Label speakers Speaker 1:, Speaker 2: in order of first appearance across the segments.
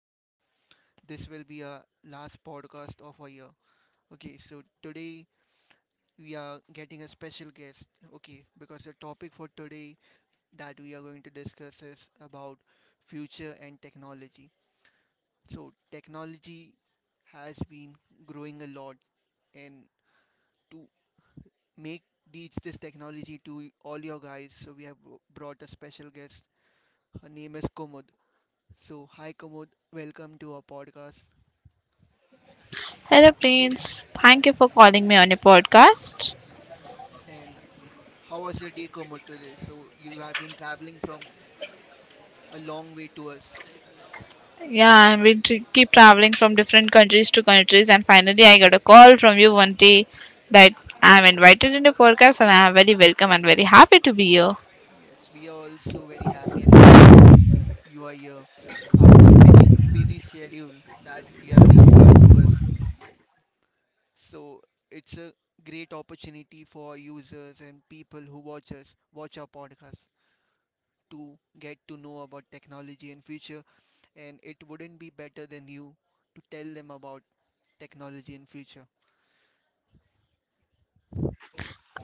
Speaker 1: and this will be our last podcast of our year. Okay, so today we are getting a special guest. Okay, because the topic for today that we are going to discuss is about future and technology. So, technology has been growing a lot, and to make teach this technology to all your guys. So we have brought a special guest. Her name is Kumud. So hi Kumud, welcome to our podcast.
Speaker 2: Hello, Prince. Thank you for calling me on your podcast.
Speaker 1: And how was your day, Kumud, today? So you have been traveling from a long way to us.
Speaker 2: Keep traveling from different countries to countries, and finally, I got a call from you one day that I'm invited in your podcast, and I'm very welcome and very happy to be here.
Speaker 1: Yes, we are also very happy and glad that you are here after busy schedule that you have reached out to us. So it's a great opportunity for our users and people who watch us watch our podcast to get to know about technology and future, and it wouldn't be better than you to tell them about technology and future.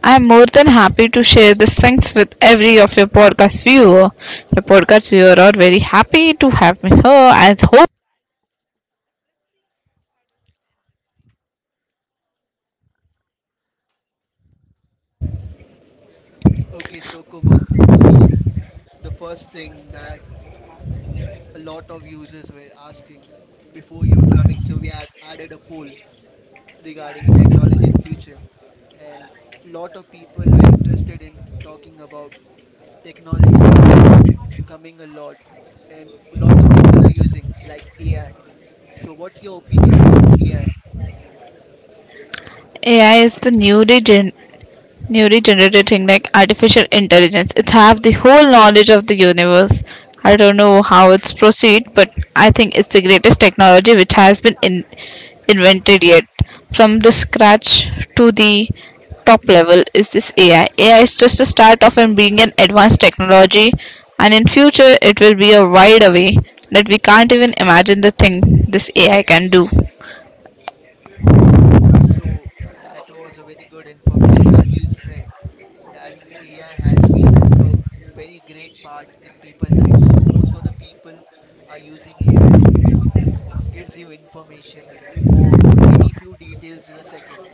Speaker 2: I'm more than happy to share these things with every of your podcast viewer. Your podcast viewer are very happy to have me here. I hope
Speaker 1: Okay, so Kumud, um, the first thing that a lot of users were asking before you were coming, so we had added a poll regarding technology in future, and lot of people were interested in talking about technology, which is coming a lot, and lot of people are using like AI. So, what's your opinion about AI?
Speaker 2: AI is the newly generated thing like artificial intelligence. It have the whole knowledge of the universe. I don't know how it's proceed, but I think it's the greatest technology which has been in, invented yet. From the scratch to the top level is this AI. AI is just the start of and being an advanced technology, and in future it will be a wide away that we can't even imagine the thing this AI can do.
Speaker 1: Uh, so that was a very good information. As you said, that AI has been a very great part in people' lives. So most of the people are using AI. So it gives you information or any few details in a second.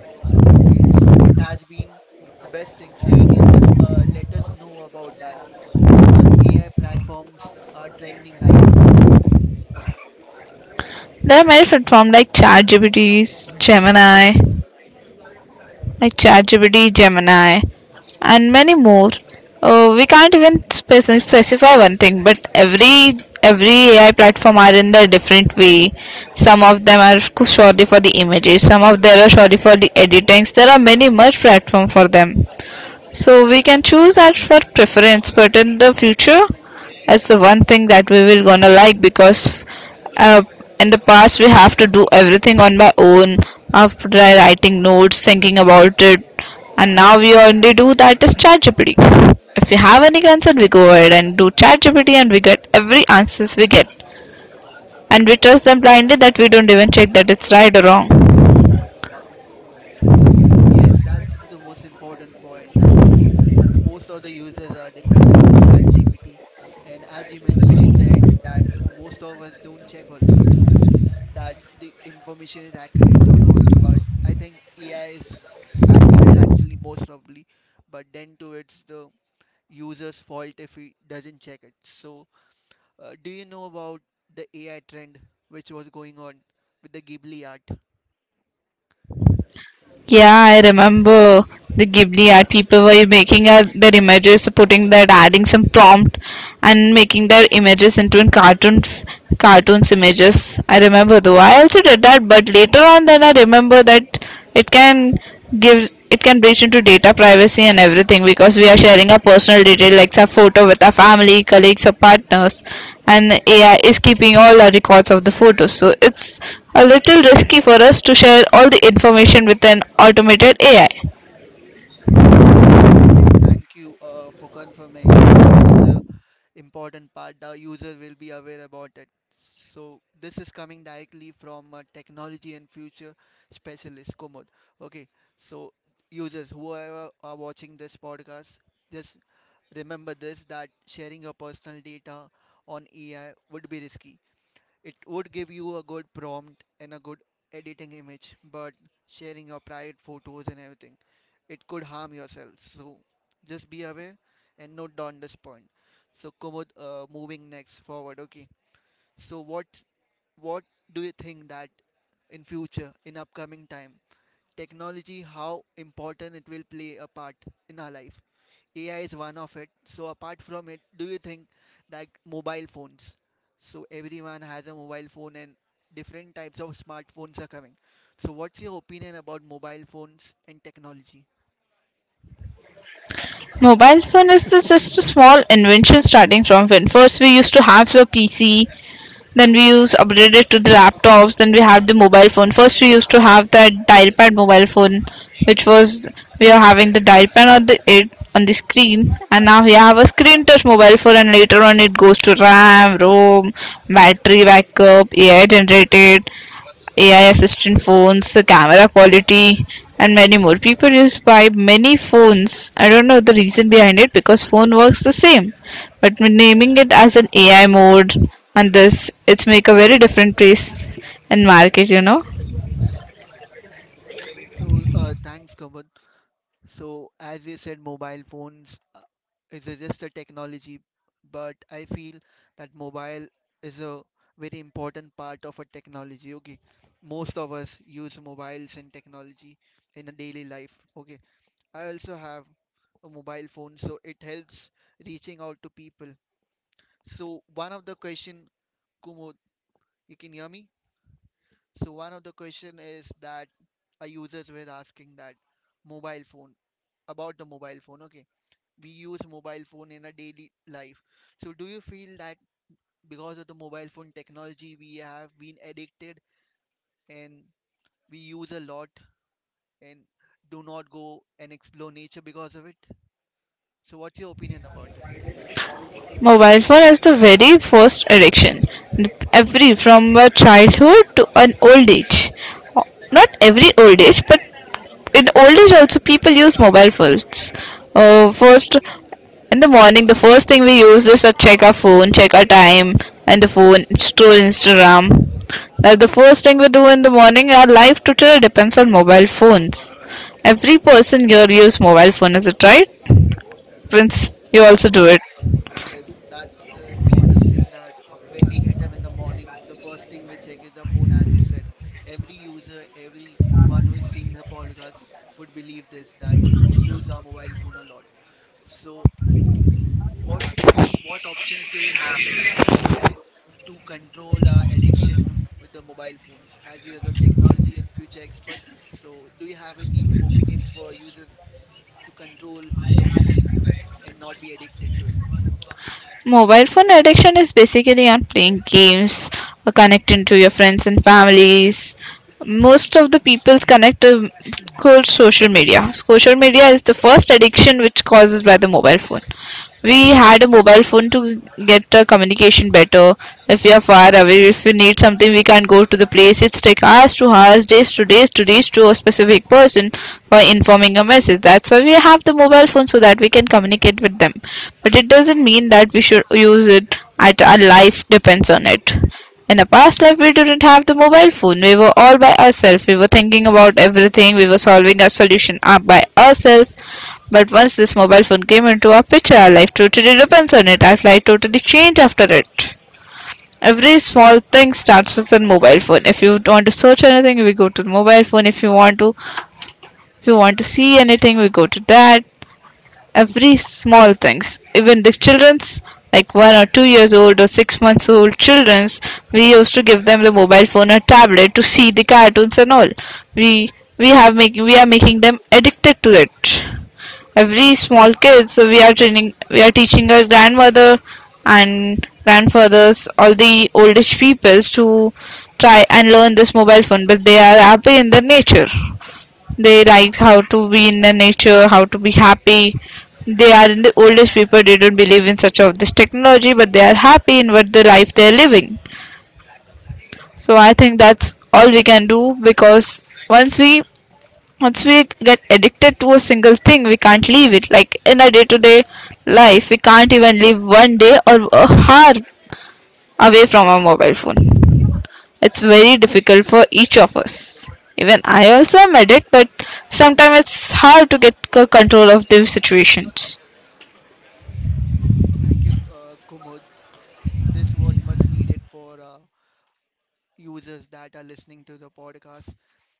Speaker 1: Okay, so it has been the best thing. So you can just let us know about that. What all AI platforms are trending right now?
Speaker 2: There are many platforms like ChatGPT, Gemini, and many more. We can't even specify one thing, but every AI platform are in their different way. Some of them are surely for the images, some of them are surely for the editings. There are many much platform for them. So we can choose that for preference, but in the future, that's the one thing that we will gonna like because uh, in the past we have to do everything on my own after writing notes, thinking about it, and now we only do that is ChatGPT. If we have any concern, we go ahead and do ChatGPT, and we get every answers we get, and we trust them blindly that we don't even check that it's right or wrong.
Speaker 1: Uh, yes, that's the most important point actually. Most of the users are dependent on ChatGPT, and as you mentioned in the end, that most of us don't check also that the information is accurate or not. But I think AI is accurate actually most probably, but then too it's the user's fault if he doesn't check it. So, do you know about the AI trend which was going on with the Ghibli art?
Speaker 2: Yeah, I remember the Ghibli art people were making their images, putting that, adding some prompt, and making their images into in cartoon, cartoons images. I remember though. I also did that, but later on, then I remember that it can gives it can breach into data privacy and everything, because we are sharing our personal details like our photo with our family, colleagues or partners, and AI is keeping all our records of the photos. So it's a little risky for us to share all the information with an automated AI.
Speaker 1: So thank you for confirming. This is a important part. The user will be aware about it. So this is coming directly from a technology and future specialist Komod. Okay. So users, whoever are watching this podcast, just remember this that sharing your personal data on AI would be risky. It would give you a good prompt and a good editing image, but sharing your private photos and everything, it could harm yourself. So just be aware and note down this point. So Kumud, moving next forward, okay. So what do you think that in future, in upcoming time, technology, how important it will play a part in our life? AI is one of it. So apart from it, do you think that mobile phones? So everyone has a mobile phone and different types of smartphones are coming. So what's your opinion about mobile phones and technology?
Speaker 2: Mobile phone is just a small invention, starting from when first we used to have a PC, then we use upgraded it to the laptops, then we have the mobile phone. First we used to have that dial pad mobile phone, which was we are having the dial pad on the it on the screen, and now we have a screen touch mobile phone, and later on it goes to RAM, ROM, battery backup, AI generated, AI assistant phones, the camera quality, and many more. People use buy many phones. I don't know the reason behind it because phone works the same, but when naming it as an AI mode and this, it's make a very different place in market. You know,
Speaker 1: So thanks, Kamal. So as you said, mobile phones is a- just a technology, but I feel that mobile is a very important part of a technology. Okay, most of us use mobiles and technology in a daily life. Okay, I also have a mobile phone, so it helps reaching out to people. So one of the question, Kumud, you can hear me? So one of the question is that our users were asking that mobile phone about the mobile phone. Okay, we use mobile phone in our daily life. So do you feel that because of the mobile phone technology, we have been addicted and we use a lot and do not go and explore nature because of it? So what's your opinion about it?
Speaker 2: mobile phone is the very first addiction. Every from a childhood to an old age, not every old age, but in old age also people use mobile phones. First in the morning, the first thing we use is to check our phone, check our time, and the phone, scroll Instagram. That's the first thing we do in the morning. Our life totally depends on mobile phones. Every person here use mobile phone, is it right? Prince, you also do it.
Speaker 1: Yes, yes, that's the important thing that when we get up in the morning, the first thing we check is the phone, as you said. Every user, every one who is seeing the podcast would believe this that we use our mobile phone a lot. So what what options do we have that to control our addiction with the mobile phones? As you are the technology and future expert, so do you have any opinions for users to control the phone and not be addicted to it?
Speaker 2: Mobile phone addiction is basically on playing games or connecting to your friends and families. Most of the people's connect to cold social media. Social media is the first addiction which causes by the mobile phone. We had a mobile phone to get the communication better. If we are far away, if we need something, we can't go to the place. It's take hours to hours, days to days to reach to a specific person for informing a message. That's why we have the mobile phone so that we can communicate with them. But it doesn't mean that we should use it at our life depends on it. In a past life, we didn't have the mobile phone. We were all by ourselves. We were thinking about everything. We were solving our solution up by ourselves. But once this mobile phone came into our picture, our life totally depends on it. Our life totally changed after it. Every small thing starts with a mobile phone. If you want to search anything, we go to the mobile phone. If you want to see anything, we go to that. Every small things, even the children's, like 1 or 2 years old or 6 months old children's, we used to give them the mobile phone or tablet to see the cartoons and all. we we are making them addicted to it, every small kids. We are teaching our grandmother and grandfathers, all the oldish peoples, to try and learn this mobile phone, but they are happy in their nature. They like how to be in the nature, how to be happy. They are the oldest people. They don't believe in such of this technology, but they are happy in what the life they are living. So I think that's all we can do, because once we once we get addicted to a single thing, we can't leave it. Like in our day-to-day life, we can't even leave one day or a hour away from our mobile phone. It's very difficult for each of us. Even I also am addict, but sometimes it's hard to get control of these situations.
Speaker 1: Thank you, Kumud. This was much needed for users that are listening to the podcast.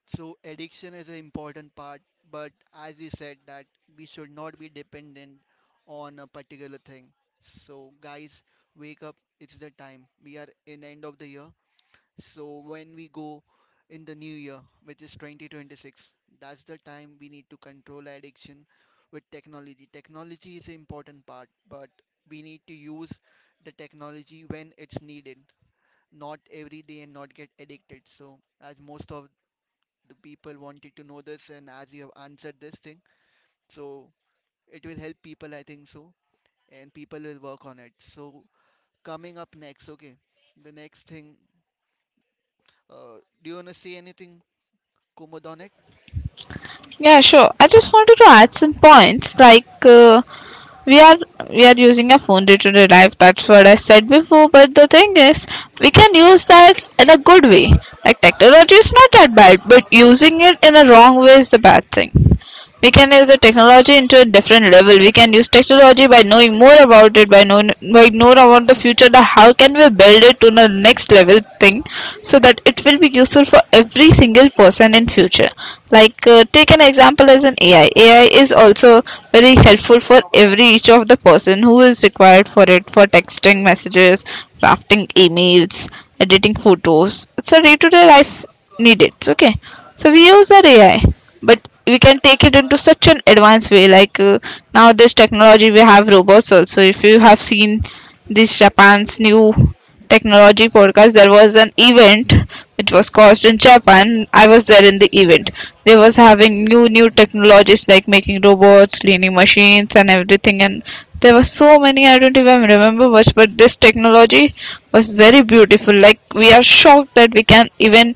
Speaker 1: So addiction is an important part, but as you said that we should not be dependent on a particular thing. So guys, wake up! It's the time. We are in end of the year. So when we go in the new year, which is 2026, that's the time we need to control addiction with technology. Technology is an important part, but we need to use the technology when it's needed, not every day, and not get addicted. So, as most of the people wanted to know this, and as you have answered this thing, so it will help people, I think so, and people will work on it. So, coming up next, okay, the next thing, do you want to say anything, Kumud, on it?
Speaker 2: Yeah, sure. I just wanted to add some points like we are we are using a phone day to day life. That's what I said before. But the thing is, we can use that in a good way. Like technology is not that bad, but using it in a wrong way is the bad thing. We can use the technology into a different level. We can use technology by knowing more about it, by knowing about the future, the how can we build it to the next level thing, so that it will be useful for every single person in future. Like take an example as an AI. AI is also very helpful for every each of the person who is required for it, for texting messages, drafting emails, editing photos. It's a day-to-day life need it, okay? So we use that AI, but we can take it into such an advanced way. Like now this technology, we have robots also. If you have seen this Japan's new technology podcast, there was an event which was caused in Japan. I was there in the event. They was having new technologies, like making robots, cleaning machines and everything, and there were so many, I don't even remember much, but this technology was very beautiful. Like we are shocked that we can even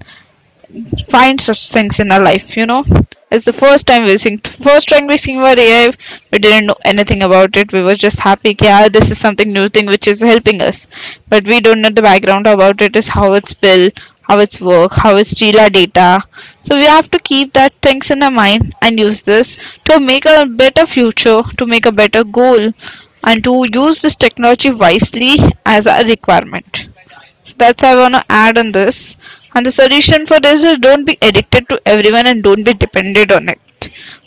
Speaker 2: find such things in our life, you know. It's the first time we sing, first time we sing our AI, we didn't know anything about it. We were just happy, yeah, this is something new thing which is helping us, but we don't know the background about it, is how it's built, how it's work, how it's steal our data. So we have to keep that things in our mind and use this to make a better future, to make a better goal, and to use this technology wisely, as a requirement. So that's I want to add on this. And the solution for this is don't be addicted to everyone and don't be dependent on it.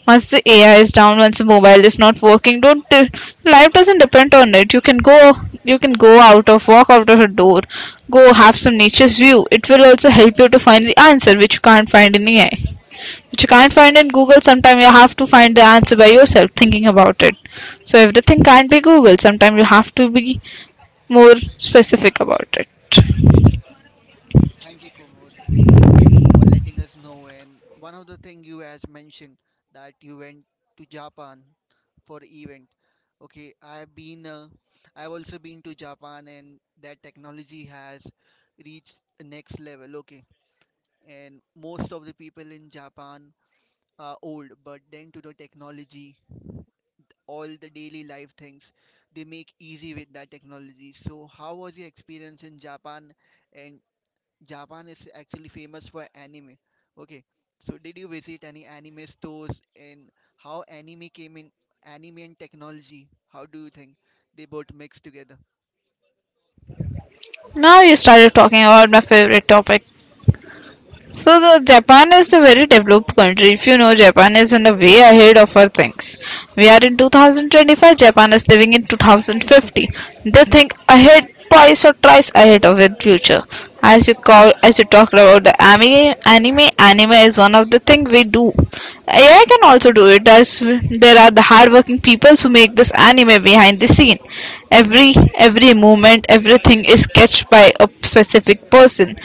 Speaker 2: Once the AI is down, once the mobile is not working, don't life doesn't depend on it. You can go out of walk out of a door, go have some nature's view. It will also help you to find the answer which you can't find in AI, which you can't find in Google. Sometimes you have to find the answer by yourself, thinking about it. So everything can't be Google. Sometimes you have to be more specific about it.
Speaker 1: Thank you, Kumud, for letting us know. And one of the thing you has mentioned that you went to Japan for event. Okay, I've been, I've also been to Japan, and that technology has reached the next level. Okay, and most of the people in Japan are old, but then to the technology, all the daily life things, they make easy with that technology. So, how was your experience in Japan, and Japan is actually famous for anime. Okay, so did you visit any anime stores and how anime came in? Anime and technology, how do you think they both mix together?
Speaker 2: Now you started talking about my favorite topic.
Speaker 1: Okay,
Speaker 2: So the Japan is a very developed country. If you know, Japan is in a way ahead of our things. We are in 2025. Japan is living in 2050. They think ahead twice or thrice ahead of their future. As you call, as you talked about the anime, anime is one of the thing we do. AI can also do it. As there are the hardworking people who make this anime behind the scene. Every movement, everything is sketched by a specific person.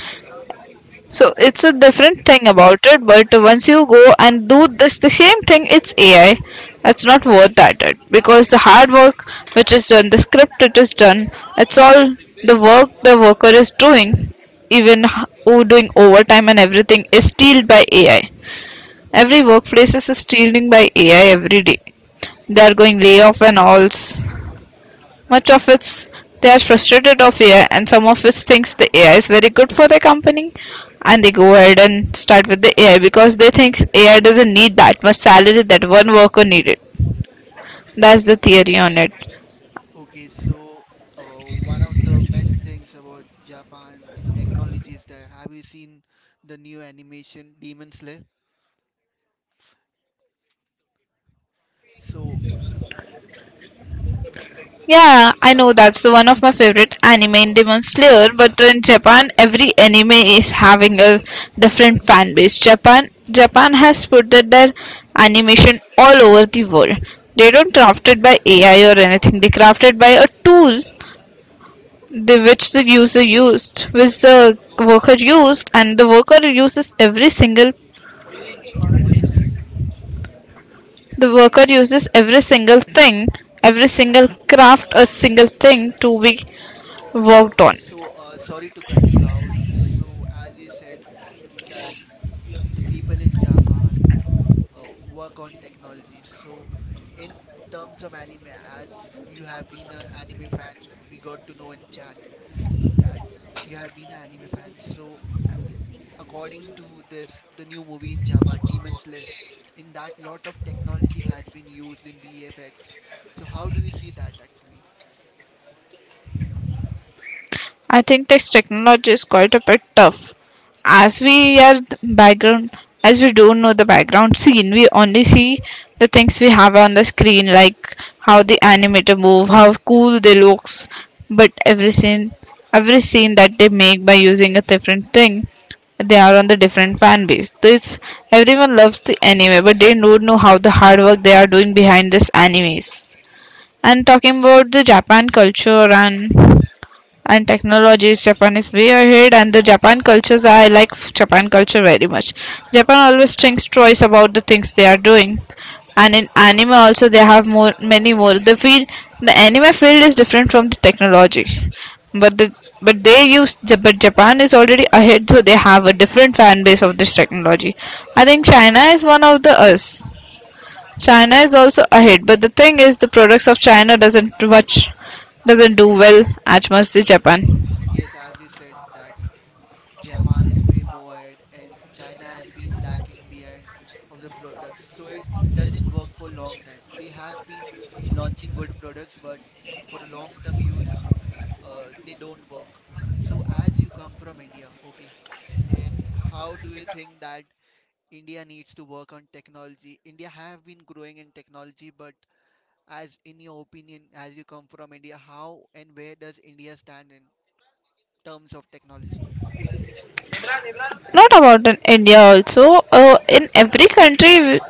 Speaker 2: So it's a different thing about it, but once you go and do this the same thing, it's AI. It's not worth that it because the hard work which is done, the script it is done, it's all the work the worker is doing, even who doing overtime and everything is stealed by AI. Every workplace is stealing by AI every day. They are going layoff and alls. Much of it's they are frustrated of AI, and some of us thinks the AI is very good for the company, and they go ahead and start with the AI because they think AI doesn't need that much salary that one worker needed. That's the theory on it.
Speaker 1: okay. So one of the best things about Japan in technology is that have you seen the new animation Demon Slayer? So
Speaker 2: Yeah, I know that's one of my favorite anime in
Speaker 1: uh,
Speaker 2: Demon Slayer, but in
Speaker 1: so
Speaker 2: Japan, every anime is having a different fan base. Japan has put that their animation all over the world. They don't craft it by AI or anything. They craft it by a tool the which the user used which the worker used and the worker uses every single the worker uses every single thing every single craft a single thing to be worked on.
Speaker 1: sorry to cut you out. So as you said that the people in Japan work on technology. So, in terms of anime, as you have been an anime fan, we got to know in chat that you have been an anime fan. So, a- according to this, the new movie in Japan, Demon Slayer, in that lot of technology has been used in VFX. So, how do you see that actually?
Speaker 2: I think this technology is quite a bit tough. As we are background, as we don't know the background scene, we only see the things we have on the screen, like how the animator move, how cool they looks. But every scene that they make by using a different thing, they are on the different fan base. This everyone loves the anime, but they don't know how the hard work they are doing behind this animes and talking about the Japan culture and technologies, Japan is way ahead, and the Japan cultures, I like Japan culture very much. Japan always thinks twice about the things they are doing, and in anime also they have more many more the field, the anime field is different from the technology, but the but they use but Japan is already ahead, so they have a different fan base of this technology. I think China is one of the US. China is also ahead, but the thing is, the products of China doesn't much doesn't do well as much as Japan.
Speaker 1: Yes, as you said, that Japan is way more ahead and China has been lacking behind of the products. So it doesn't work for long time. They have been launching good products, but for a long term use, they don't work. So as you come from India, okay, and how do you think that India needs to work on technology? India have been growing in technology, but as in your opinion, as you come from India, how and where does India stand in terms of technology?
Speaker 2: Not about in India also. In every country,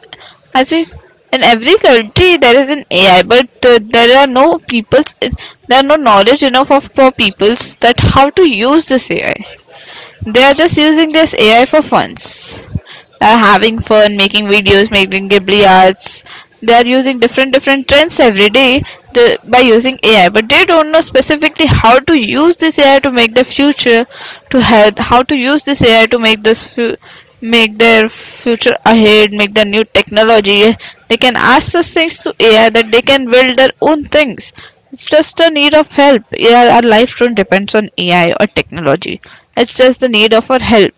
Speaker 2: as we in every country there is an AI, but there are no people's there are no knowledge enough of for peoples that how to use this AI. They are just using this AI for funds. Are having fun, making videos, making Ghibli arts. They are using different different trends every day the, by using AI, but they don't know specifically how to use this AI to make the future to help. How to use this AI to make this make their future ahead, make the new technology. They can ask those things to AI that they can build their own things. It's just a need of help. Yeah, our life don't depends on AI or technology. It's just the need of our help.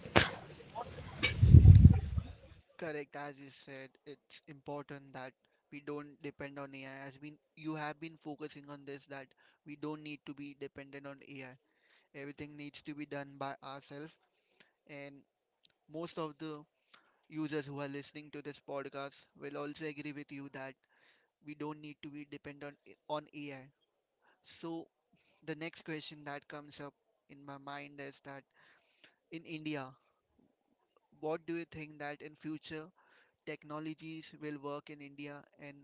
Speaker 1: Correct, as you said, it's important that we don't depend on AI. As been you have been focusing on this, that we don't need to be dependent on AI. Everything needs to be done by ourselves, and most of the users who are listening to this podcast will also agree with you that we don't need to be dependent on AI. So the next question that comes up in my mind is that in India, what do you think that in future technologies will work in India, and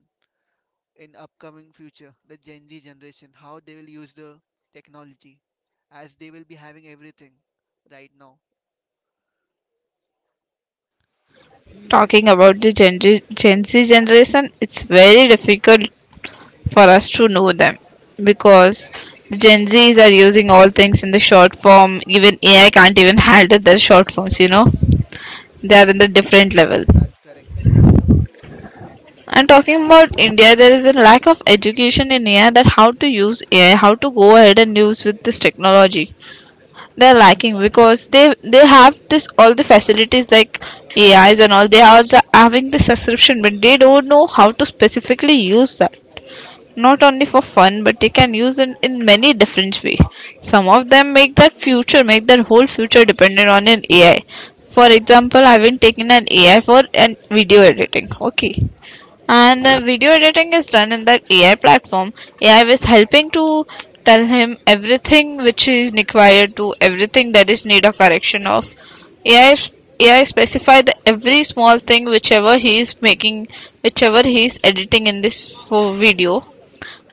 Speaker 1: in upcoming future the Gen Z generation how they will use the technology as they will be having everything right now.
Speaker 2: Talking about the Gen Z generation, it's very difficult for us to know them because the Gen Zs are using all things in the short form. Even AI can't even handle their short forms, you know. They are in the different level.
Speaker 1: Yes, that's correct.
Speaker 2: And talking about India, there is a lack of education in AI that how to use AI, how to go ahead and use with this technology. They're lacking because they have this all the facilities like AIs and all. They are the having the subscription, but they don't know how to specifically use that. Not only for fun, but they can use it in many different way. Some of them make their future, make their whole future dependent on an AI. For example, I've been taking an AI for an video editing. Okay, and
Speaker 1: Okay,
Speaker 2: the video editing is done in that AI platform. AI was helping to tell him everything which is required to everything that is need a correction of. AI AI specify the every small thing whichever he is making, whichever he is editing in this video,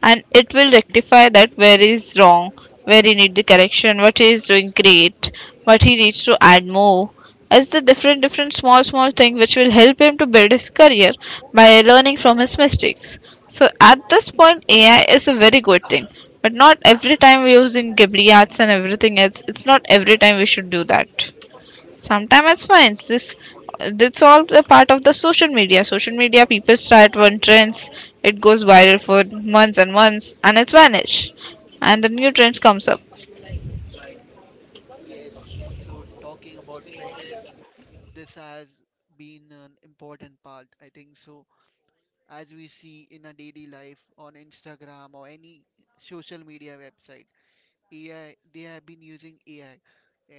Speaker 2: and it will rectify that where is wrong, where he need the correction, what he is doing great, what he needs to add more, as the different different small small thing which will help him to build his career by learning from his mistakes. So at this point AI is a very good thing, but not every time we using Ghibli arts and everything else. It's not every time we should do that. Sometimes it's fine. This that's all the part of the social media. Social media people start one trends, it goes viral for months and months, and it's vanish, and the new trends comes up.
Speaker 1: yes. So talking about trends, this has been an important part I think so. As we see in a daily life on Instagram or any social media website, AI, they have been using AI,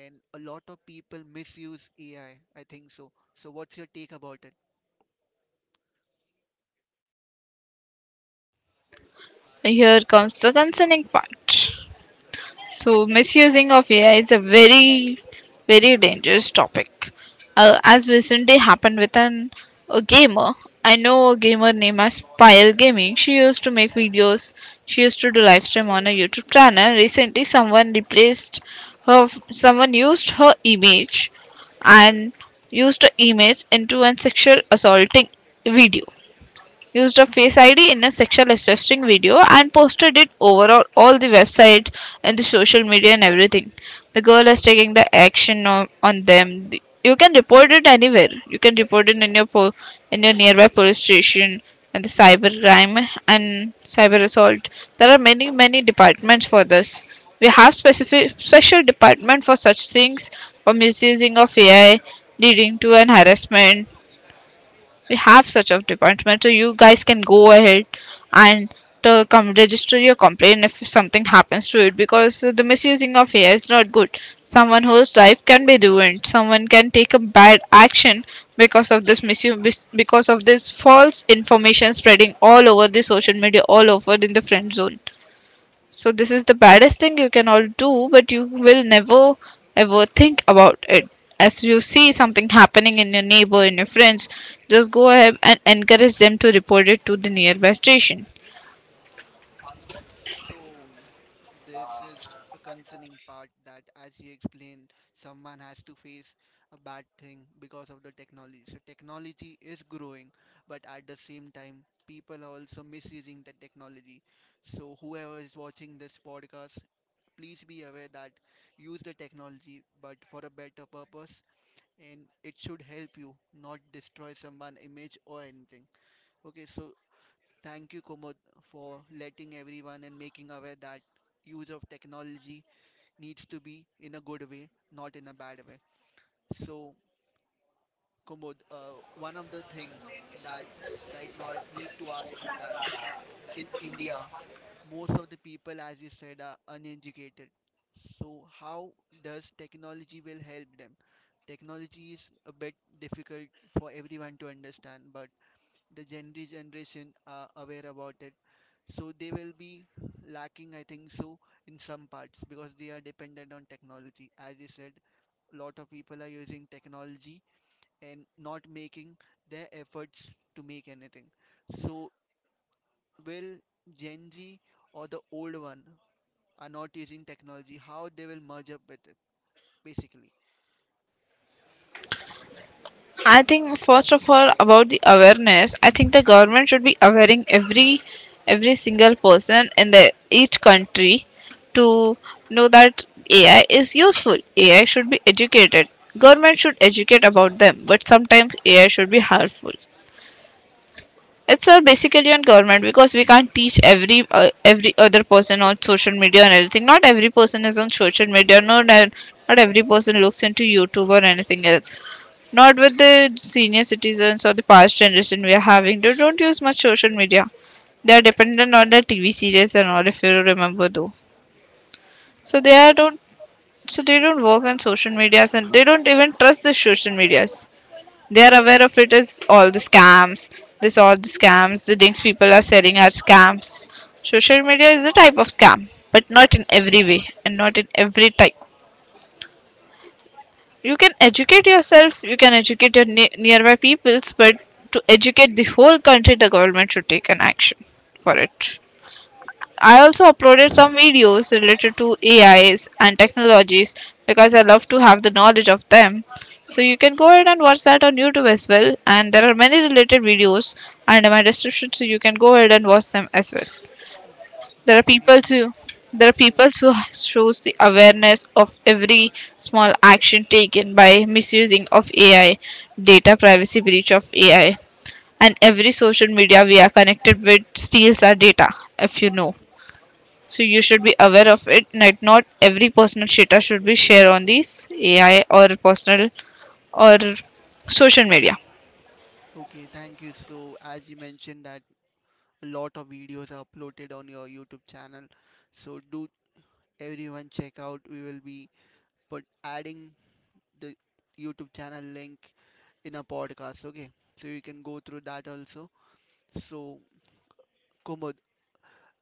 Speaker 1: and a lot of people misuse AI. I think so, so what's your take about it?
Speaker 2: Here comes the concerning part. So, misusing of AI is a very, very dangerous topic. As recently happened with a gamer, I know a gamer named as Pyle Gaming. She used to make videos, she used to do live stream on a YouTube channel. Recently, someone replaced her, someone used her image and used her image into an sexual assaulting video, used a face ID in a sexual assaulting video and posted it over all the websites and the social media and everything. The girl is taking the action on them. You can report it anywhere. You can report it in your in your nearby police station and the cyber crime and cyber assault. There are many many departments for this. We have specific special department for such things for misusing of AI leading to an harassment. We have such a department, so you guys can go ahead and come register your complaint if something happens to it, because the misusing of AI is not good. Someone whose life can be ruined. Someone can take a bad action because of this misuse, because of this false information spreading all over the social media, all over in the friend zone. So this is the baddest thing you can all do, but you will never ever think about it. If you see something happening in your neighbor, in your friends, just go ahead and encourage them to report it to the nearby station.
Speaker 1: So, this is a concerning part that, as you explained, someone has to face a bad thing because of the technology. So, technology is growing, but at the same time, people are also misusing the technology. So, whoever is watching this podcast, please be aware that use the technology but for a better purpose, and it should help you, not destroy someone' image or anything. Okay, so thank you, Kumud, for letting everyone and making aware that use of technology needs to be in a good way, not in a bad way. So, Kumud, one of the thing that right now I need to ask you that in India, most of the people, as you said, are uneducated. So, how does technology will help them? Technology is a bit difficult for everyone to understand, but the Gen Z generation are aware about it. So they will be lacking, I think so, in some parts because they are dependent on technology. As I said, a lot of people are using technology and not making their efforts to make anything. So will Gen Z or the old one are not using technology, how they will merge up with it, basically.
Speaker 2: I think first of all about the awareness, I think the government should be awareing every single person in the each country to know that AI is useful. AI should be educated. Government should educate about them, but sometimes AI should be harmful. It's all basically on government because we can't teach every other person on social media and everything. Not every person is on social media. Not every person looks into YouTube or anything else. Not with the senior citizens or the past generation we are having. They don't use much social media. They are dependent on the TV series and all. If you remember though, so they are don't
Speaker 1: Yes,
Speaker 2: so they don't work on social medias and they don't even trust the social medias. They are aware of it as all the scams. This all the scams. The things people are selling are scams. Social media is a type of scam, but not in every way and not in every type. You can educate yourself. You can educate your nearby peoples, but to educate the whole country, the government should take an action for it. I also uploaded some videos related to AIs and technologies because I love to have the knowledge of them. So you can go ahead and watch that on YouTube as well. And there are many related videos under my description, so you can go ahead and watch them as well. There are people
Speaker 1: definitely.
Speaker 2: too. There are people
Speaker 1: So,
Speaker 2: who shows the awareness of every small action taken by misusing of AI, data privacy breach of AI, and every social media we are connected with steals our data. If you know so you should be aware of it, like not every personal data should be shared on these AI or personal or social media.
Speaker 1: okay, thank you. So, as you mentioned that a lot of videos are uploaded on your YouTube channel, so do everyone check out. We will be put adding the YouTube channel link in a podcast, okay, so you can go through that also. So Kumud,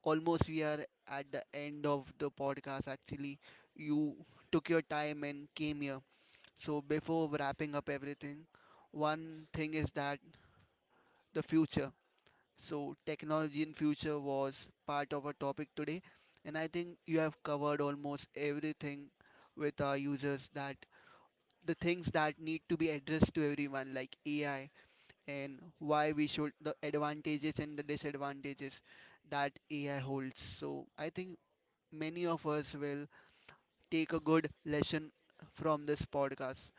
Speaker 1: almost we are at the end of the podcast actually. You took your time and came here, so before wrapping up everything, one thing is that the future. So, technology in future was part of our topic today, and I think you have covered almost everything with our users that the things that need to be addressed to everyone, like AI, and why we should the advantages and the disadvantages that AI holds. So, I think many of us will take a good lesson from this podcast.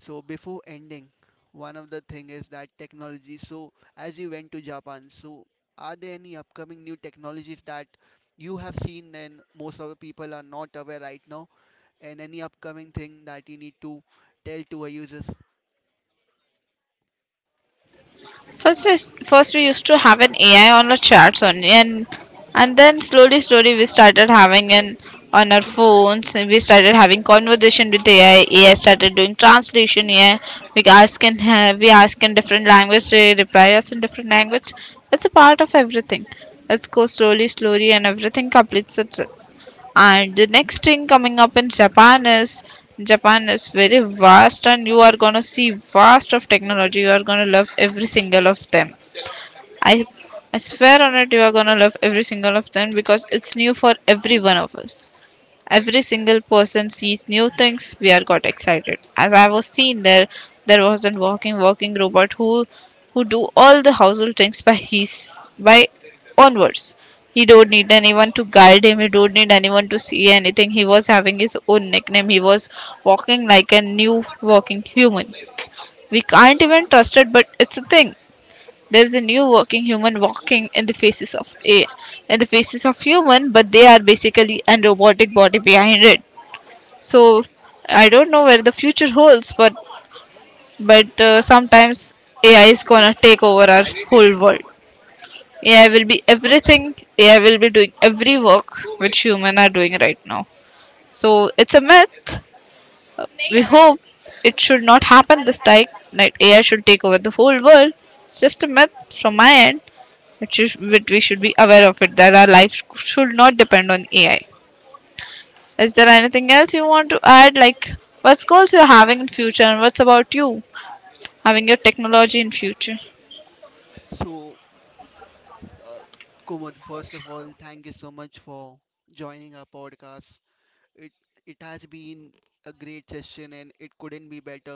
Speaker 1: So before ending, one of the thing is that technology. So as you went to Japan, so are there any upcoming new technologies that you have seen and most of the people are not aware right now and any upcoming thing that you need to tell to our users?
Speaker 2: First we, first we used to have an AI on our chats only, and then slowly slowly we started having an on our phones, we started having conversation with AI. AI started doing translation. AI we ask in different language, they reply us in different language. It's a part of everything. Let's go slowly slowly and everything completes itself. And the next thing coming up in Japan is very vast, and you are gonna see vast of technology. You are gonna love every single of them. I I swear on it, you are gonna love every single of them because it's new for every one of us. Every single person sees new things. We are got excited. As I was seen there, there was a walking robot who do all the household things by his by onwards. He don't need anyone to guide him. He don't need anyone to see anything. He was having his own nickname. He was walking like a new walking human. We can't even trust it, but it's a thing. There's a new walking human walking in the faces of a in the faces of human, but they are basically a robotic body behind it. So I don't know where the future holds, but sometimes AI is gonna take over our whole world. AI will be everything. AI will be doing every work which human are doing right now. So it's a myth. We hope it should not happen this time. That AI should take over the whole world. It's just a myth from my end, which is which we should be aware of it. That our life should not depend on AI. Is there anything else you want to add? Like, what goals you're having in future, and what's about you having your technology in future?
Speaker 1: So uh, Kumud, first of all, thank you so much for joining our podcast. It it has been a great session and it couldn't be better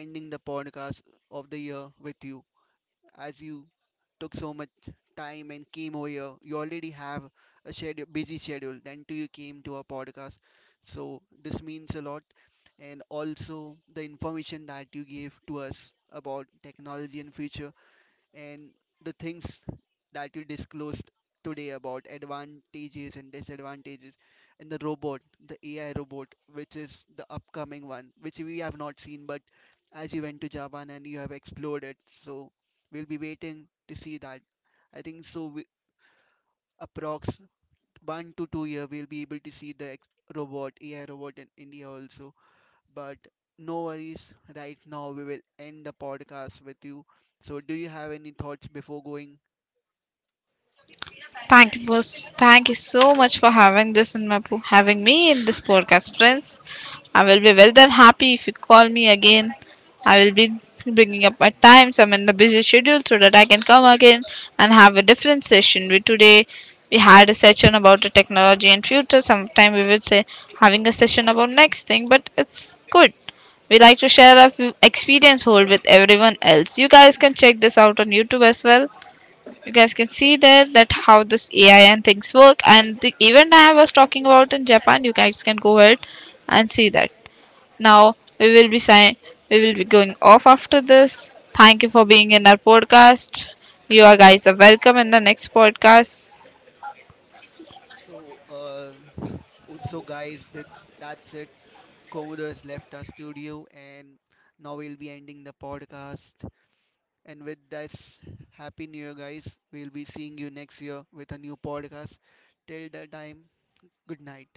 Speaker 1: ending the podcast of the year with you. As you took so much time and came over here, you already have a schedule, busy schedule. Then too you came to our podcast, so this means a lot. And also the information that you gave to us about technology and future and the things that you disclosed today about advantages and disadvantages and the robot, the AI robot which is the upcoming one which we have not seen, but as you went to Japan and you have explored it, so we'll be waiting to see that. I think so we, approx 1 to 2 year we'll be able to see the robot, AI robot in India also. But no worries, right now we will end the podcast with you. So do you have any thoughts before going?
Speaker 2: Thank you for Thank you so much for having this in my having me in this podcast, friends. I will be well than happy if you call me again. I will be bringing up my times. I'm in a busy schedule so that I can come again and have a different session. We today we had a session about the technology and future. Sometime we will say having a session about next thing, but it's good. We like to share our few experience hold with everyone else. You guys can check this out on YouTube as well. You guys can see there that how this AI and things work and the event I was talking about in Japan. You guys can go ahead and see that. Now we will be sign, we will be going off after this. Thank you for being in our podcast. You guys are welcome in the next podcast.
Speaker 1: So, so guys, that's it. Komodo has left our studio, and now we'll be ending the podcast. And with this, happy new year, guys. We'll be seeing you next year with a new podcast. Till that time, good night.